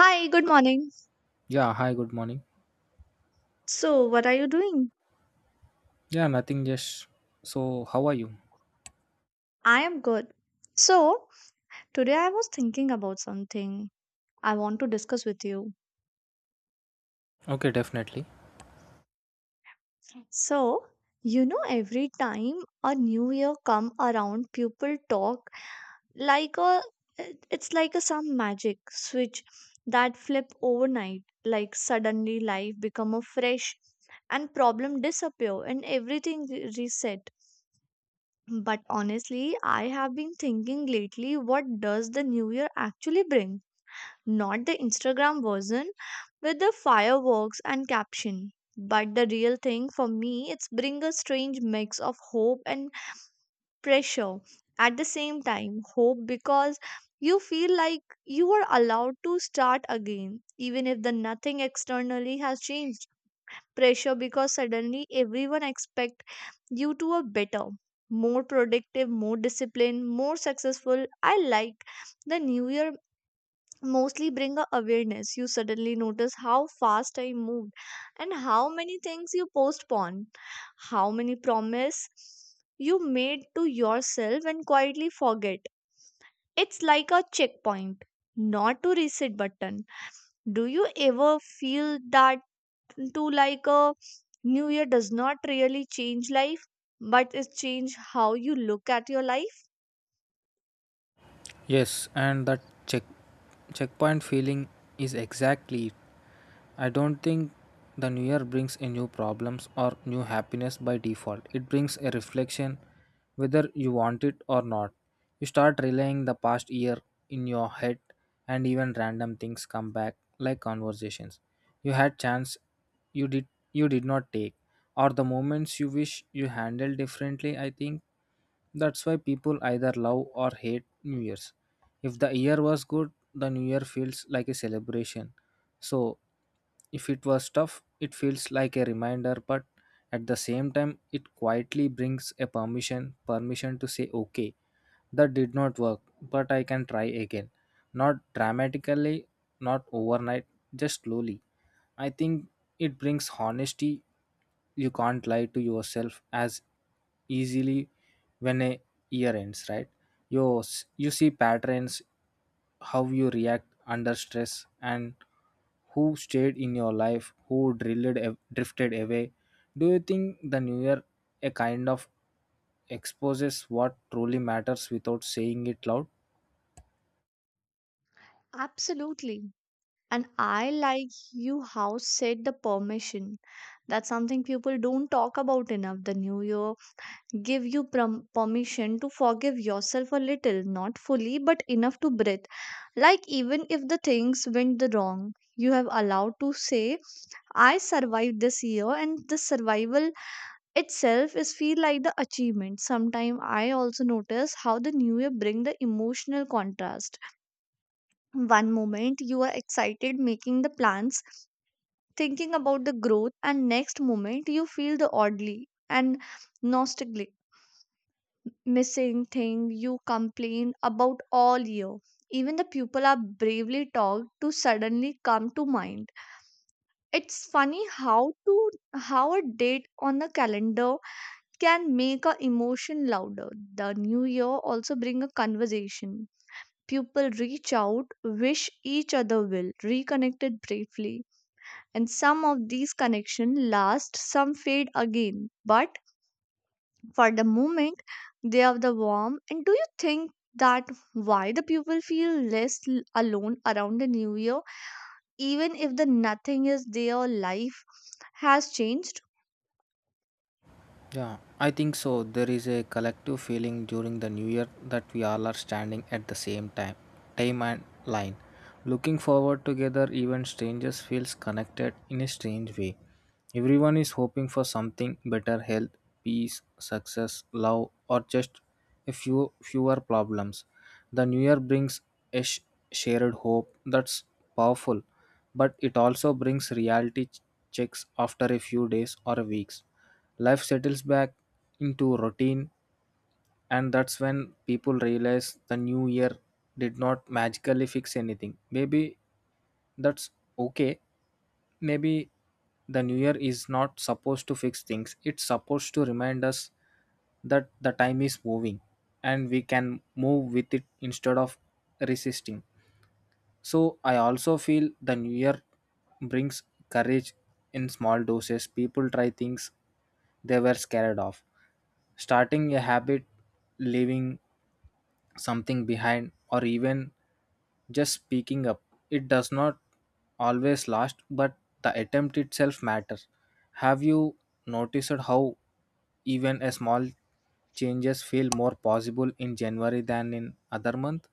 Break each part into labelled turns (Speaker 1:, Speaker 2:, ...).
Speaker 1: Hi, good morning.
Speaker 2: Yeah, hi, good morning.
Speaker 1: So, what are you doing?
Speaker 2: Yeah, nothing, just so how are you?
Speaker 1: I am good. So, today I was thinking about something I want to discuss with you.
Speaker 2: Okay, definitely.
Speaker 1: So, you know, every time a new year come around, people talk like a it's like a some magic switch that flip overnight. Like suddenly life become a fresh and problem disappear and everything reset. But honestly, I have been thinking lately, what does the new year actually bring? Not the Instagram version with the fireworks and caption. But the real thing for me, it's bring a strange mix of hope and pressure. At the same time, hope because you feel like you are allowed to start again, even if the nothing externally has changed. Pressure because suddenly everyone expect you to a better, more productive, more disciplined, more successful. I like the new year mostly bring a awareness. You suddenly notice how fast I moved and how many things you postpone, how many promise you made to yourself and quietly forget. It's like a checkpoint, not to reset button. Do you ever feel that, to like a new year does not really change life, but it change how you look at your life.
Speaker 2: Yes, and that check checkpoint feeling is exactly it. I don't think the new year brings a new problems or new happiness by default. It brings a reflection whether you want it or not. You start relaying the past year in your head and even random things come back like conversations. You had chance you did not take or the moments you wish you handled differently. I think that's why people either love or hate New Year's. If the year was good, the New Year feels like a celebration. So if it was tough, it feels like a reminder, but at the same time, it quietly brings a permission to say, okay, that did not work, but I can try again. Not dramatically, not overnight, just slowly. I think it brings honesty. You can't lie to yourself as easily when a year ends, right? You, you see patterns, how you react under stress, and who stayed in your life, who drilled, drifted away. Do you think the new year a kind of exposes what truly matters without saying it loud?
Speaker 1: Absolutely. And I like you how said the permission. That's something people don't talk about enough. The new year give you permission to forgive yourself a little, not fully, but enough to breathe. Like even if the things went the wrong, you have allowed to say, "I survived this year," and the survival itself is feel like the achievement sometime. I also notice how the new year bring the emotional contrast. One moment you are excited making the plans, thinking about the growth, and next moment you feel the oddly and nostalgic, missing thing you complain about all year. Even the people are bravely talked to suddenly come to mind. It's funny how to how a date on the calendar can make a emotion louder. The new year also bring a conversation. People reach out, wish each other well, reconnected briefly, and some of these connections last, some fade again. But for the moment, they are the warm. And do you think that why the people feel less alone around the new year, even if the nothing is their life has changed?
Speaker 2: Yeah, I think so. There is a collective feeling during the new year that we all are standing at the same time and line. Looking forward together, even strangers feels connected in a strange way. Everyone is hoping for something better health, peace, success, love, or just a few fewer problems. The new year brings a shared hope that's powerful, but it also brings reality checks after a few days or weeks. Life settles back into routine, and that's when people realize the new year did not magically fix anything. Maybe that's okay. Maybe the new year is not supposed to fix things, it's supposed to remind us that the time is moving and we can move with it instead of resisting. So I also feel the new year brings courage in small doses. People try things they were scared of. Starting a habit, leaving something behind, or even just speaking up. It does not always last, but the attempt itself matters. Have you noticed how even a small changes feel more possible in January than in other month?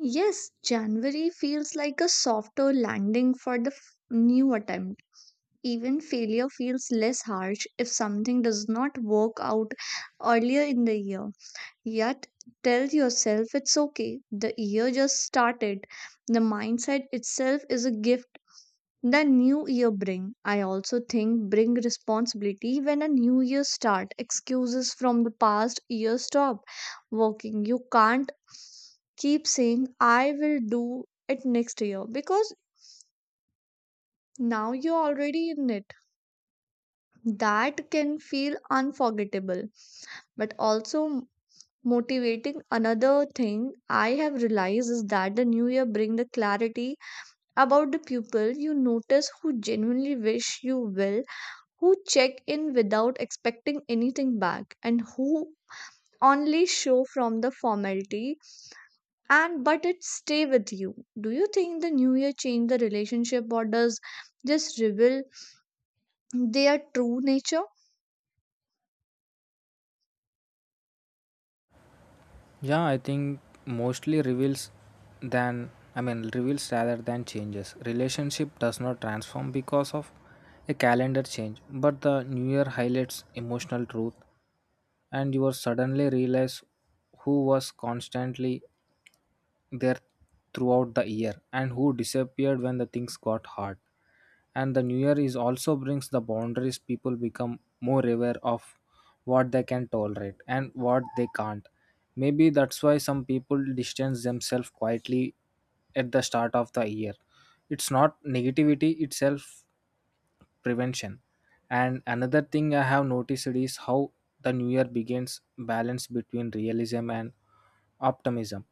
Speaker 1: Yes, January feels like a softer landing for the new attempt. Even failure feels less harsh if something does not work out earlier in the year. Yet, tell yourself it's okay. The year just started. The mindset itself is a gift. The new year bring, I also think, bring responsibility when a new year start. Excuses from the past year stop working. You can't keep saying, I will do it next year because now you're already in it. That can feel unforgettable, but also motivating. Another thing I have realized is that the new year bring the clarity about the people. You notice who genuinely wish you well, who check in without expecting anything back, and who only show from the formality, and but it stay with you. Do you think the new year changed the relationship, or does just reveal their true nature?
Speaker 2: Yeah, I think mostly reveals than, I mean, reveals rather than changes. Relationship does not transform because of a calendar change, but the new year highlights emotional truth and you are suddenly realize who was constantly there throughout the year and who disappeared when the things got hard. And the new year is also brings the boundaries people become more aware of what they can tolerate and what they can't. Maybe that's why some people distance themselves quietly at the start of the year. It's not negativity itself prevention. And another thing I have noticed is how the new year begins balance between realism and optimism.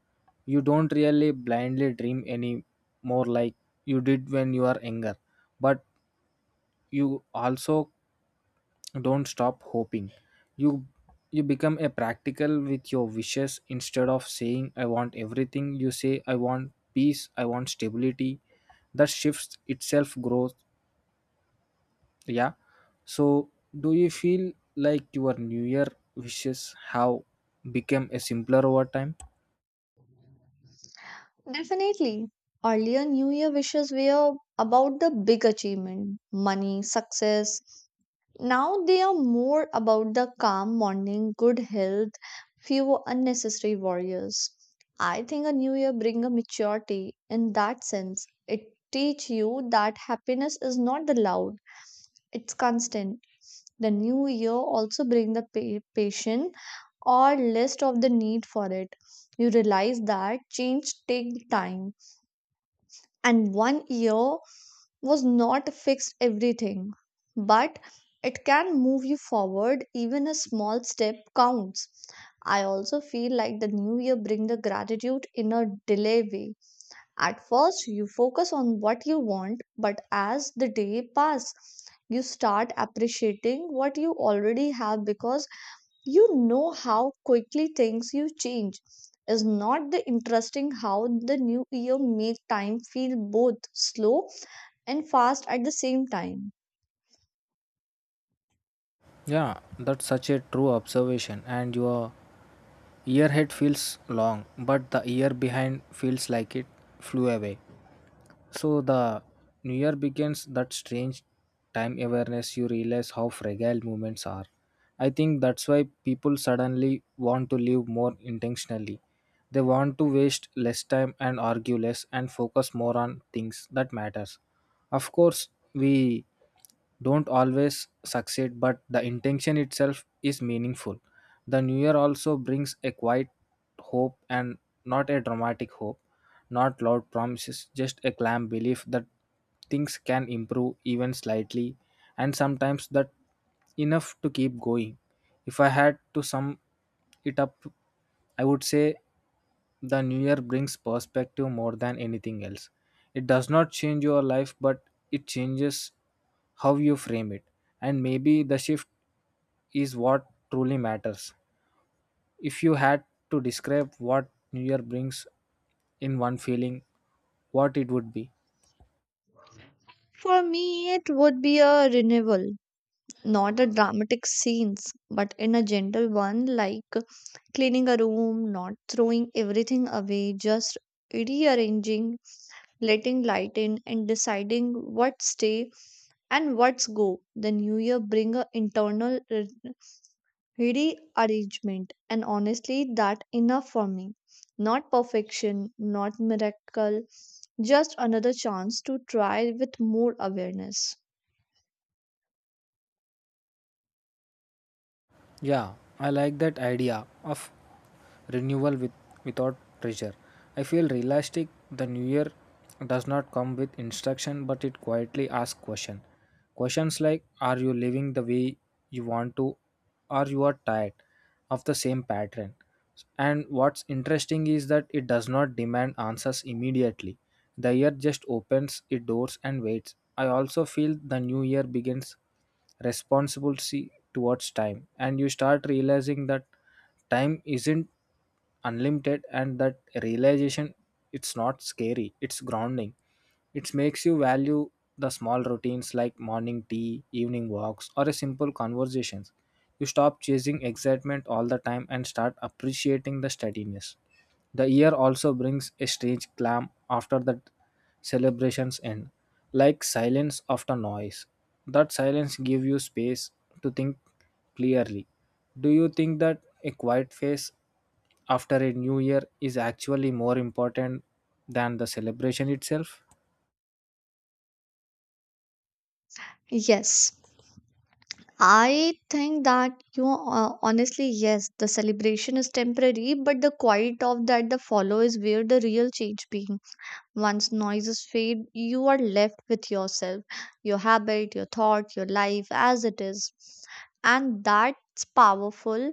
Speaker 2: You don't really blindly dream any more like you did when you are younger, but you also don't stop hoping. You you become a practical with your wishes instead of saying I want everything. You say I want peace, I want stability. That shifts itself growth. Yeah. So, do you feel like your New Year wishes have become a simpler over time?
Speaker 1: Definitely. Earlier, new year wishes were about the big achievement, money, success. Now they are more about the calm morning, good health, few unnecessary warriors. I think a new year bring a maturity in that sense. It teach you that happiness is not the loud, it's constant. The new year also bring the patient or list of the need for it. You realize that change take time, and one year was not fixed everything, but it can move you forward. Even a small step counts. I also feel like the new year bring the gratitude in a delay way. At first, you focus on what you want, but as the day pass, you start appreciating what you already have because you know how quickly things you change. Is not the interesting how the new year make time feel both slow and fast at the same time.
Speaker 2: Yeah, that's such a true observation. And your year ahead feels long, but the year behind feels like it flew away. So the new year begins that strange time awareness. You realize how fragile moments are. I think that's why people suddenly want to live more intentionally. They want to waste less time and argue less and focus more on things that matters. Of course, we don't always succeed, but the intention itself is meaningful. The new year also brings a quiet hope and not a dramatic hope, not loud promises, just a calm belief that things can improve even slightly, and sometimes that enough to keep going. If I had to sum it up, I would say the new year brings perspective more than anything else. It does not change your life, but it changes how you frame it. And maybe the shift is what truly matters. If you had to describe what new year brings in one feeling, what it would be.
Speaker 1: For me it would be a renewal, not a dramatic scenes but in a gentle one, like cleaning a room, not throwing everything away, just rearranging, letting light in and deciding what stay and what's go. The new year bring a internal rearrangement, and honestly, that enough for me. Not perfection, not miracle, just another chance to try with more awareness.
Speaker 2: Yeah, I like that idea of renewal without pressure. I feel realistic. The new year does not come with instruction, but it quietly asks question. Questions like, are you living the way you want to? Or you are tired of the same pattern? And what's interesting is that it does not demand answers immediately. The year just opens its doors and waits. I also feel the new year begins responsibility towards time, and you start realizing that time isn't unlimited, and that realization, it's not scary, it's grounding. It makes you value the small routines like morning tea, evening walks, or a simple conversations. You stop chasing excitement all the time and start appreciating the steadiness. The year also brings a strange clam after the celebrations end, like silence after noise. That silence gives you space to think clearly. Do you think that a quiet phase after a new year is actually more important than the celebration itself?
Speaker 1: Yes, I think that honestly, yes, the celebration is temporary, but the quiet of that, the follow is where the real change begins. Once noises fade, you are left with yourself, your habit, your thought, your life as it is. And that's powerful.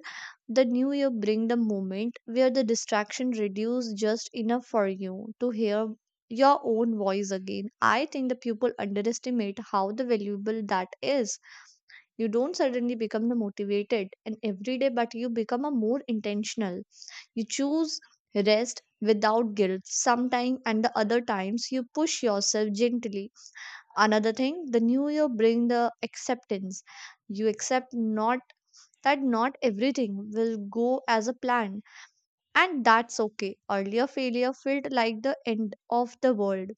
Speaker 1: The new year bring the moment where the distraction reduce just enough for you to hear your own voice again. I think the people underestimate how the valuable that is. You don't suddenly become the motivated and every day, but you become a more intentional. You choose rest without guilt sometime, and the other times you push yourself gently. Another thing, the new year bring the acceptance. You accept not that not everything will go as a plan, and that's okay. Earlier failure felt like the end of the world,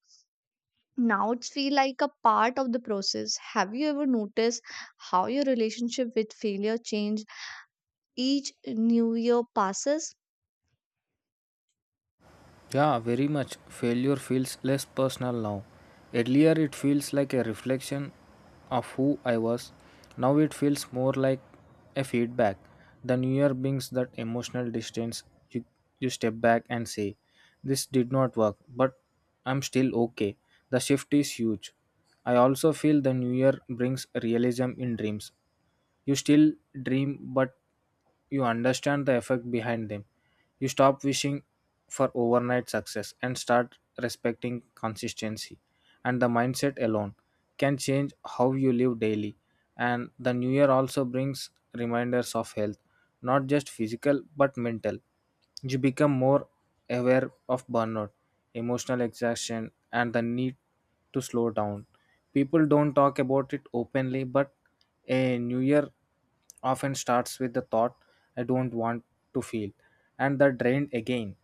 Speaker 1: now it's feel like a part of the process. Have you ever noticed how your relationship with failure change each new year passes?
Speaker 2: Yeah, very much. Failure feels less personal now. Earlier, it feels like a reflection of who I was. Now, it feels more like a feedback. The new year brings that emotional distance. You, you step back and say, this did not work, but I'm still okay. The shift is huge. I also feel the new year brings realism in dreams. You still dream, but you understand the effect behind them. You stop wishing for overnight success and start respecting consistency. And the mindset alone can change how you live daily. And the new year also brings reminders of health, not just physical but mental. You become more aware of burnout, emotional exhaustion, and the need to slow down. People don't talk about it openly, but a new year often starts with the thought, I don't want to feel, and the drained again.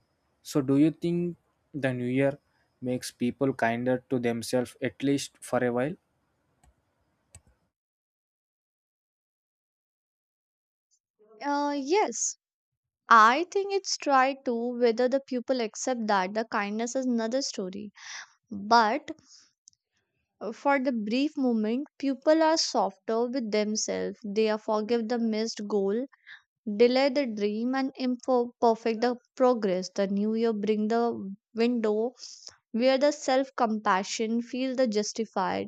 Speaker 2: So, do you think the new year makes people kinder to themselves at least for a while?
Speaker 1: Yes. I think it's tried to, whether the pupil accept that the kindness is another story. But for the brief moment, pupil are softer with themselves. They are forgive the missed goal, delay the dream, and imperfect the progress. The new year bring the window where the self compassion feel the justified,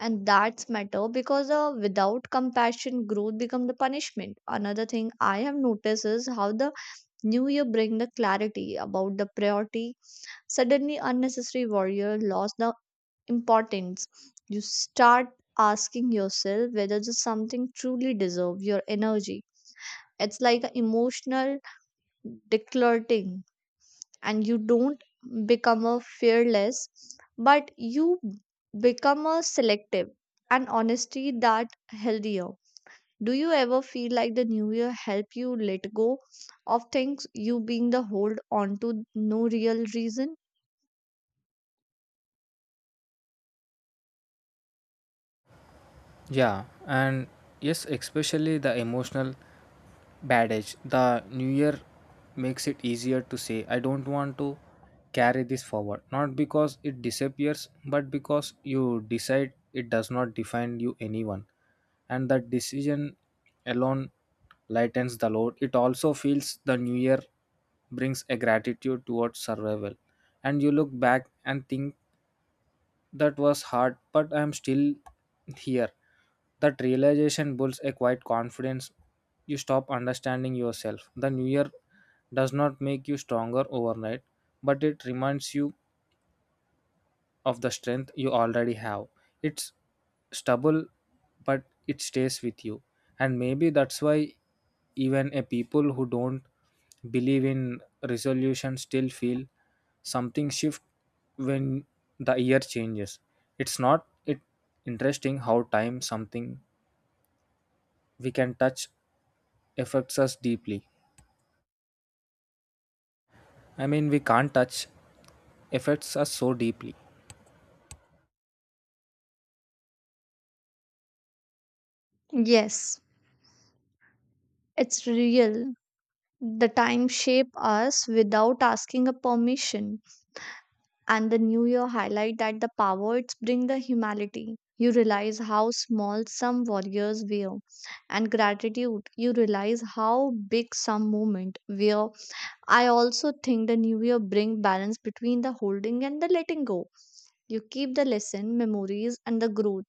Speaker 1: and that's matter because, without compassion, growth become the punishment. Another thing I have noticed is how the New Year bring the clarity about the priority. Suddenly unnecessary warrior lost the importance. You start asking yourself whether the something truly deserve your energy. It's like an emotional decluttering, and you don't become a fearless, but you become a selective, and honesty that healthier. Do you ever feel like the new year help you let go of things you being the hold on to no real reason?
Speaker 2: Yeah, and yes, especially the emotional bad edge. The new year makes it easier to say, I don't want to carry this forward. Not because it disappears, but because you decide it does not define you anyone. And that decision alone lightens the load. It also feels the new year brings a gratitude towards survival. And you look back and think that was hard, but I'm still here. That realization builds a quiet confidence. You stop understanding yourself. The new year does not make you stronger overnight, but it reminds you of the strength you already have. It's stubble, but it stays with you. And maybe that's why even a people who don't believe in resolution still feel something shift when the year changes. It's not it interesting how time something we can touch affects us deeply. I mean we can't touch affects us so deeply.
Speaker 1: Yes, it's real. The time shape us without asking a permission, and the new year highlight that the power it's bring the humanity. You realize how small some warriors were, and gratitude. You realize how big some moment were. I also think the new year bring balance between the holding and the letting go. You keep the lesson, memories, and the growth,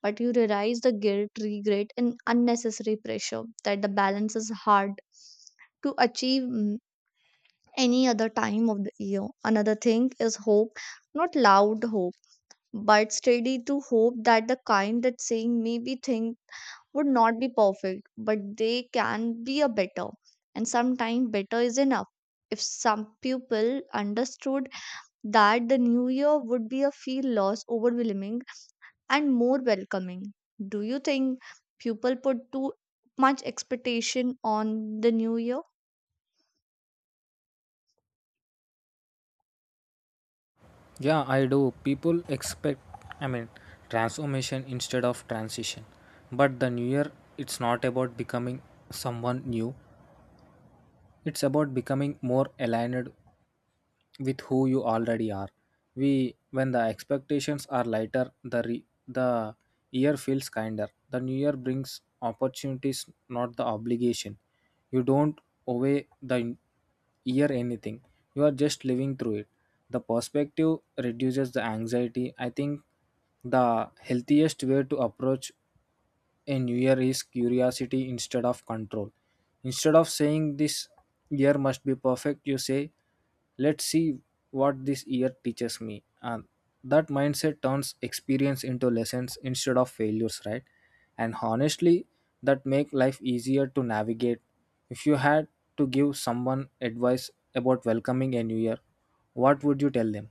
Speaker 1: but you realize the guilt, regret, and unnecessary pressure. That the balance is hard to achieve any other time of the year. Another thing is hope, not loud hope, but steady to hope, that the kind that saying maybe thing would not be perfect, but they can be a better. And sometimes better is enough. If some people understood that, the new year would be a feel loss overwhelming and more welcoming. Do you think people put too much expectation on the new year?
Speaker 2: Yeah, I do. People expect, I mean, transformation instead of transition. But the new year, it's not about becoming someone new, it's about becoming more aligned with who you already are. When the expectations are lighter, the year feels kinder. The new year brings opportunities, not the obligation. You don't owe the year anything. You are just living through it. The perspective reduces the anxiety. I think the healthiest way to approach a new year is curiosity instead of control. Instead of saying this year must be perfect, you say, let's see what this year teaches me. And that mindset turns experience into lessons instead of failures, right? And honestly, that make life easier to navigate. If you had to give someone advice about welcoming a new year, what would you tell them?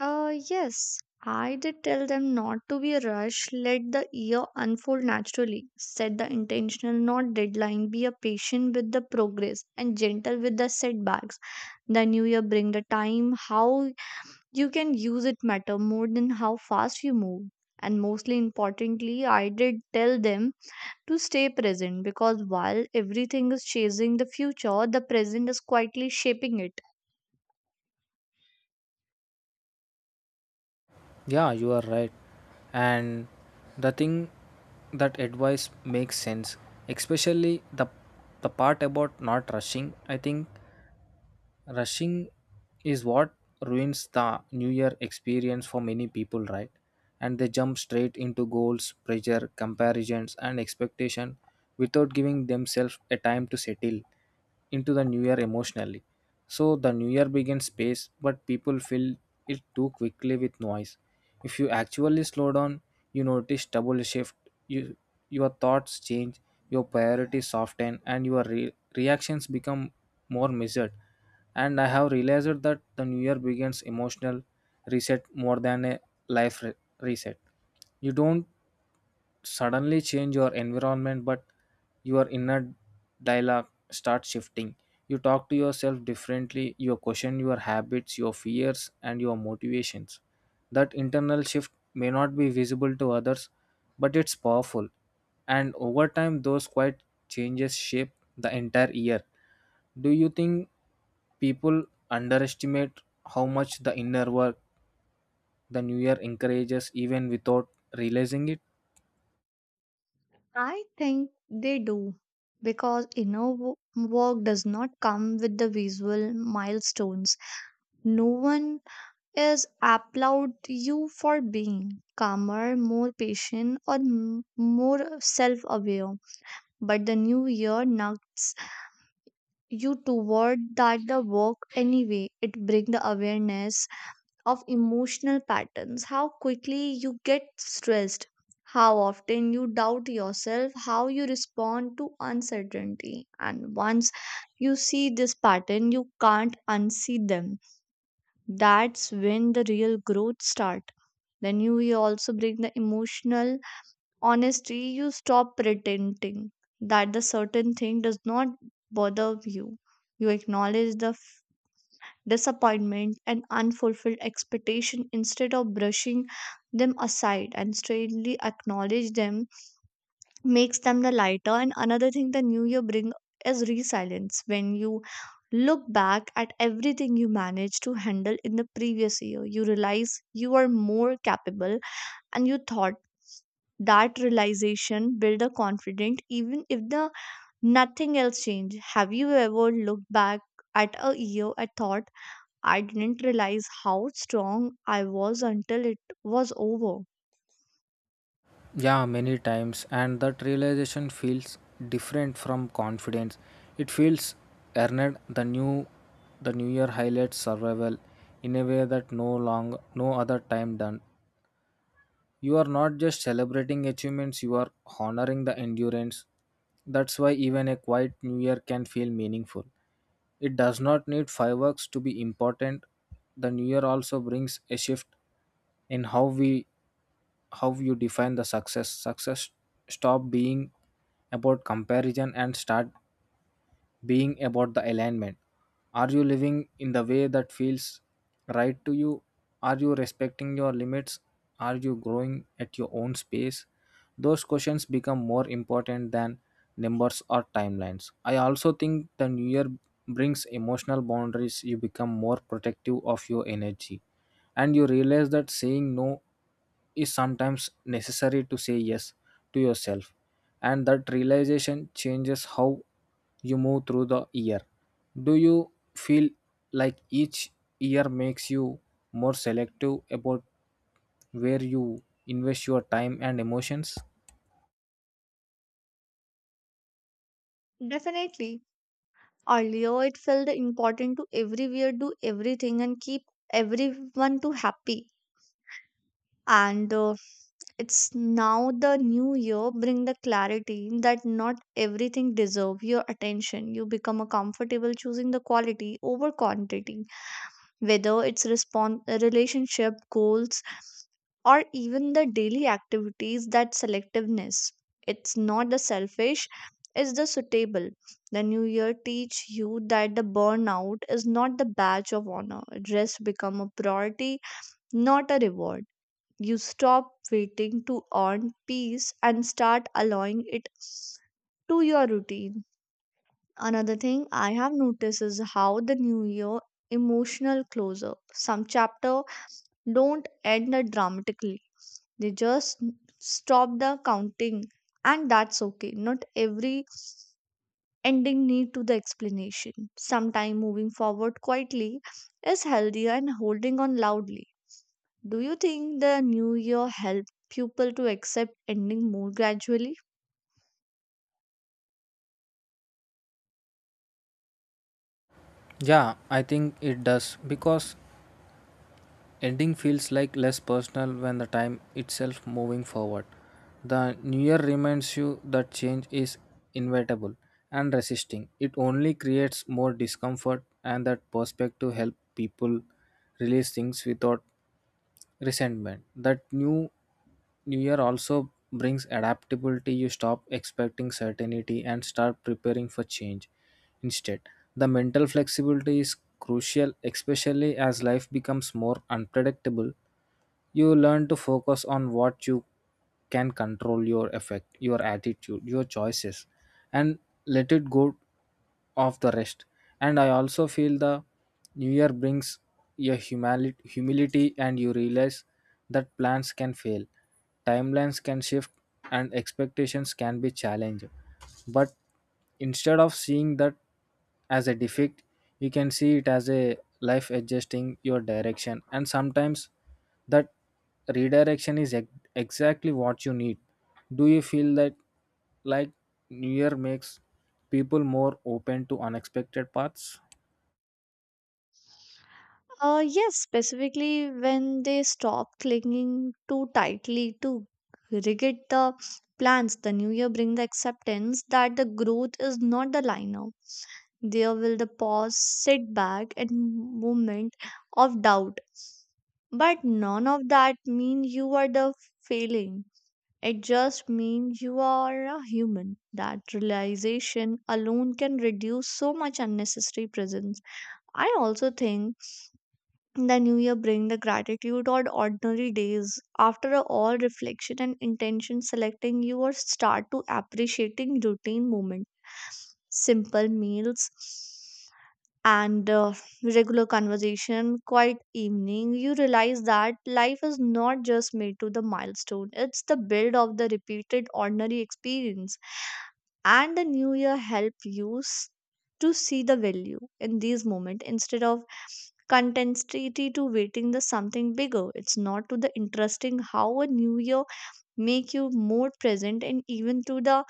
Speaker 1: Yes, I did tell them not to be rushed, let the year unfold naturally. Set the intentional, not deadline. Be a patient with the progress and gentle with the setbacks. The new year bring the time, how you can use it matter more than how fast you move. And mostly importantly, I did tell them to stay present because while everything is chasing the future, the present is quietly shaping it.
Speaker 2: Yeah, you are right. And the thing that advice makes sense, especially the part about not rushing. I think rushing is what ruins the new year experience for many people, right? And they jump straight into goals, pressure, comparisons, and expectation without giving themselves a time to settle into the new year emotionally. So the new year begins pace, but people fill it too quickly with noise. If you actually slow down, you notice double shift. you, your thoughts change, your priorities soften, and your reactions become more measured. And I have realized that the new year begins emotional reset more than a life reset. You don't suddenly change your environment, but your inner dialogue starts shifting. You talk to yourself differently, you question your habits, your fears, and your motivations. That internal shift may not be visible to others, but it's powerful. And over time, those quiet changes shape the entire year. Do you think people underestimate how much the inner work the new year encourages even without realizing it?
Speaker 1: I think they do because inner work does not come with the visual milestones. No one is applaud you for being calmer, more patient, or more self-aware. But the new year knocks you toward that the work anyway. It brings the awareness of emotional patterns, how quickly you get stressed, how often you doubt yourself, how you respond to uncertainty. And once you see this pattern, you can't unsee them. That's when the real growth starts. Then you will also bring the emotional honesty. You stop pretending that the certain thing does not bother you. You acknowledge the disappointment, and unfulfilled expectation instead of brushing them aside, and straightly acknowledge them makes them the lighter. And another thing the new year brings is resilience. When you look back at everything you managed to handle in the previous year, you realize you are more capable and you thought. That realization build a confident even if the nothing else changed. Have you ever looked back at a year and thought, I didn't realize how strong I was until it was over.
Speaker 2: Yeah, many times, and that realization feels different from confidence. It feels earned. The new year highlights survival in a way that no other time done. You are not just celebrating achievements, you are honoring the endurance. That's why even a quiet new year can feel meaningful. It does not need fireworks to be important. The new year also brings a shift in how you define the success. Success stop being about comparison and start being about the alignment. Are you living in the way that feels right to you? Are you respecting your limits? Are you growing at your own space? Those questions become more important than numbers or timelines. I also think the new year brings emotional boundaries. You become more protective of your energy and you realize that saying no is sometimes necessary to say yes to yourself, and that realization changes how you move through the year. Do you feel like each year makes you more selective about where you invest your time and emotions?
Speaker 1: Definitely. Earlier, it felt important to everywhere, do everything, and keep everyone to happy. And it's now the new year bring the clarity that not everything deserve your attention. You become a comfortable choosing the quality over quantity, whether it's relationship goals or even the daily activities. That selectiveness, it's not the selfish, it's the suitable. The new year teach you that the burnout is not the badge of honor. Rest become a priority, not a reward. You stop waiting to earn peace and start allowing it to your routine. Another thing I have noticed is how the new year emotional closure, some chapter don't end it dramatically. They just stop the counting, and that's okay. Not every ending need to the explanation. Sometime moving forward quietly is healthier and holding on loudly. Do you think the new year helped people to accept ending more gradually?
Speaker 2: Yeah, I think it does because ending feels like less personal when the time itself moving forward. The new year reminds you that change is inevitable and resisting. It only creates more discomfort and that perspective help people release things without resentment. That new year also brings adaptability. You stop expecting certainty and start preparing for change. Instead, the mental flexibility is crucial, especially as life becomes more unpredictable. You learn to focus on what you can control your effect, your attitude, your choices, and let it go of the rest. And I also feel the new year brings a humility, and you realize that plans can fail, timelines can shift, and expectations can be challenged, but instead of seeing that as a defect, you can see it as a life adjusting your direction. And sometimes that redirection is exactly what you need. Do you feel that, like, new year makes people more open to unexpected paths?
Speaker 1: Yes, specifically when they stop clinging too tightly to rigid the plans, the new year bring the acceptance that the growth is not the liner. There will the pause, sit back, and moment of doubt. But none of that mean you are the failing. It just means you are a human. That realization alone can reduce so much unnecessary presence. I also think the new year bring the gratitude on ordinary days. After all reflection and intention selecting, you or start to appreciating routine moment. Simple meals, and regular conversation, quiet evening, you realize that life is not just made to the milestone. It's the build of the repeated ordinary experience. And the new year help you to see the value in these moments instead of contentity to waiting the something bigger. It's not to the interesting how a new year make you more present, and even to the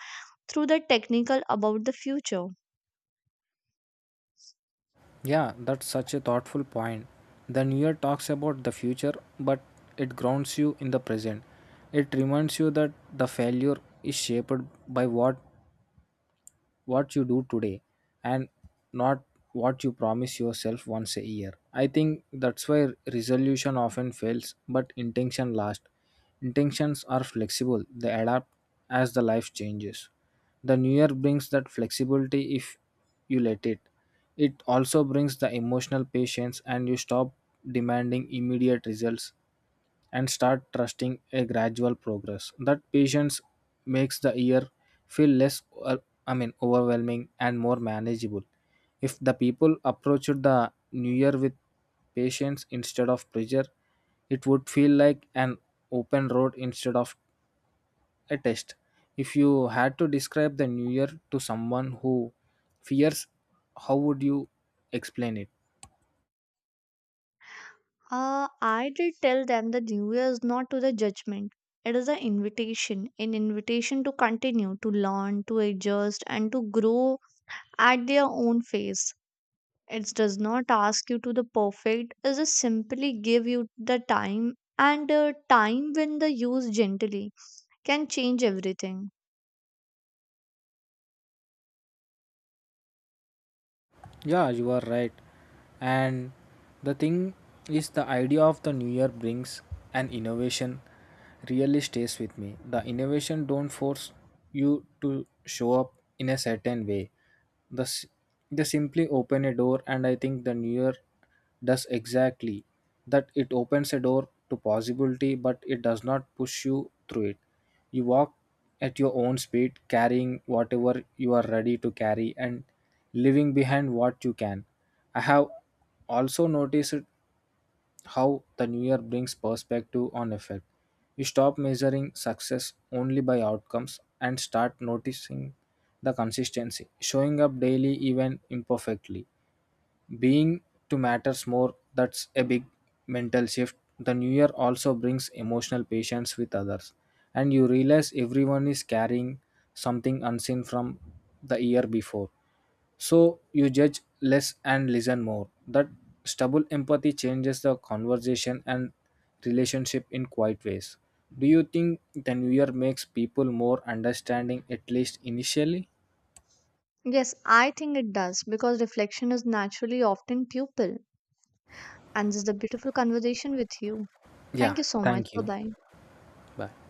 Speaker 1: through the technical about the future.
Speaker 2: Yeah, that's such a thoughtful point. The new year talks about the future, but it grounds you in the present. It reminds you that the failure is shaped by what you do today, and not what you promise yourself once a year. I think that's why resolution often fails, but intention lasts. Intentions are flexible, they adapt as the life changes. The new year brings that flexibility if you let it. It also brings the emotional patience, and you stop demanding immediate results and start trusting a gradual progress. That patience makes the year feel less overwhelming and more manageable. If the people approached the new year with patience instead of pressure, it would feel like an open road instead of a test. If you had to describe the new year to someone who fears, how would you explain it?
Speaker 1: I did tell them the New Year is not to the judgment. It is an invitation to continue, to learn, to adjust, and to grow at their own pace. It does not ask you to the perfect, it just simply give you the time, and time when the use gently can change everything.
Speaker 2: Yeah, you are right. And the thing is, the idea of the new year brings an innovation really stays with me. The innovation don't force you to show up in a certain way. The, s- they simply open a door, and I think the new year does exactly that. It opens a door to possibility, but it does not push you through it. You walk at your own speed, carrying whatever you are ready to carry and leaving behind what you can. I have also noticed how the new year brings perspective on effect. You stop measuring success only by outcomes and start noticing the consistency, showing up daily even imperfectly, being to matters more. That's a big mental shift. The new year also brings emotional patience with others, and you realize everyone is carrying something unseen from the year before, so you judge less and listen more. That stubble empathy changes the conversation and relationship in quiet ways. Do you think the new year makes people more understanding, at least initially?
Speaker 1: Yes, I think it does because reflection is naturally often pupil. And this is a beautiful conversation with you.
Speaker 2: Yeah,
Speaker 1: Thank you so much.
Speaker 2: thank
Speaker 1: Bye
Speaker 2: you.
Speaker 1: bye.
Speaker 2: Bye.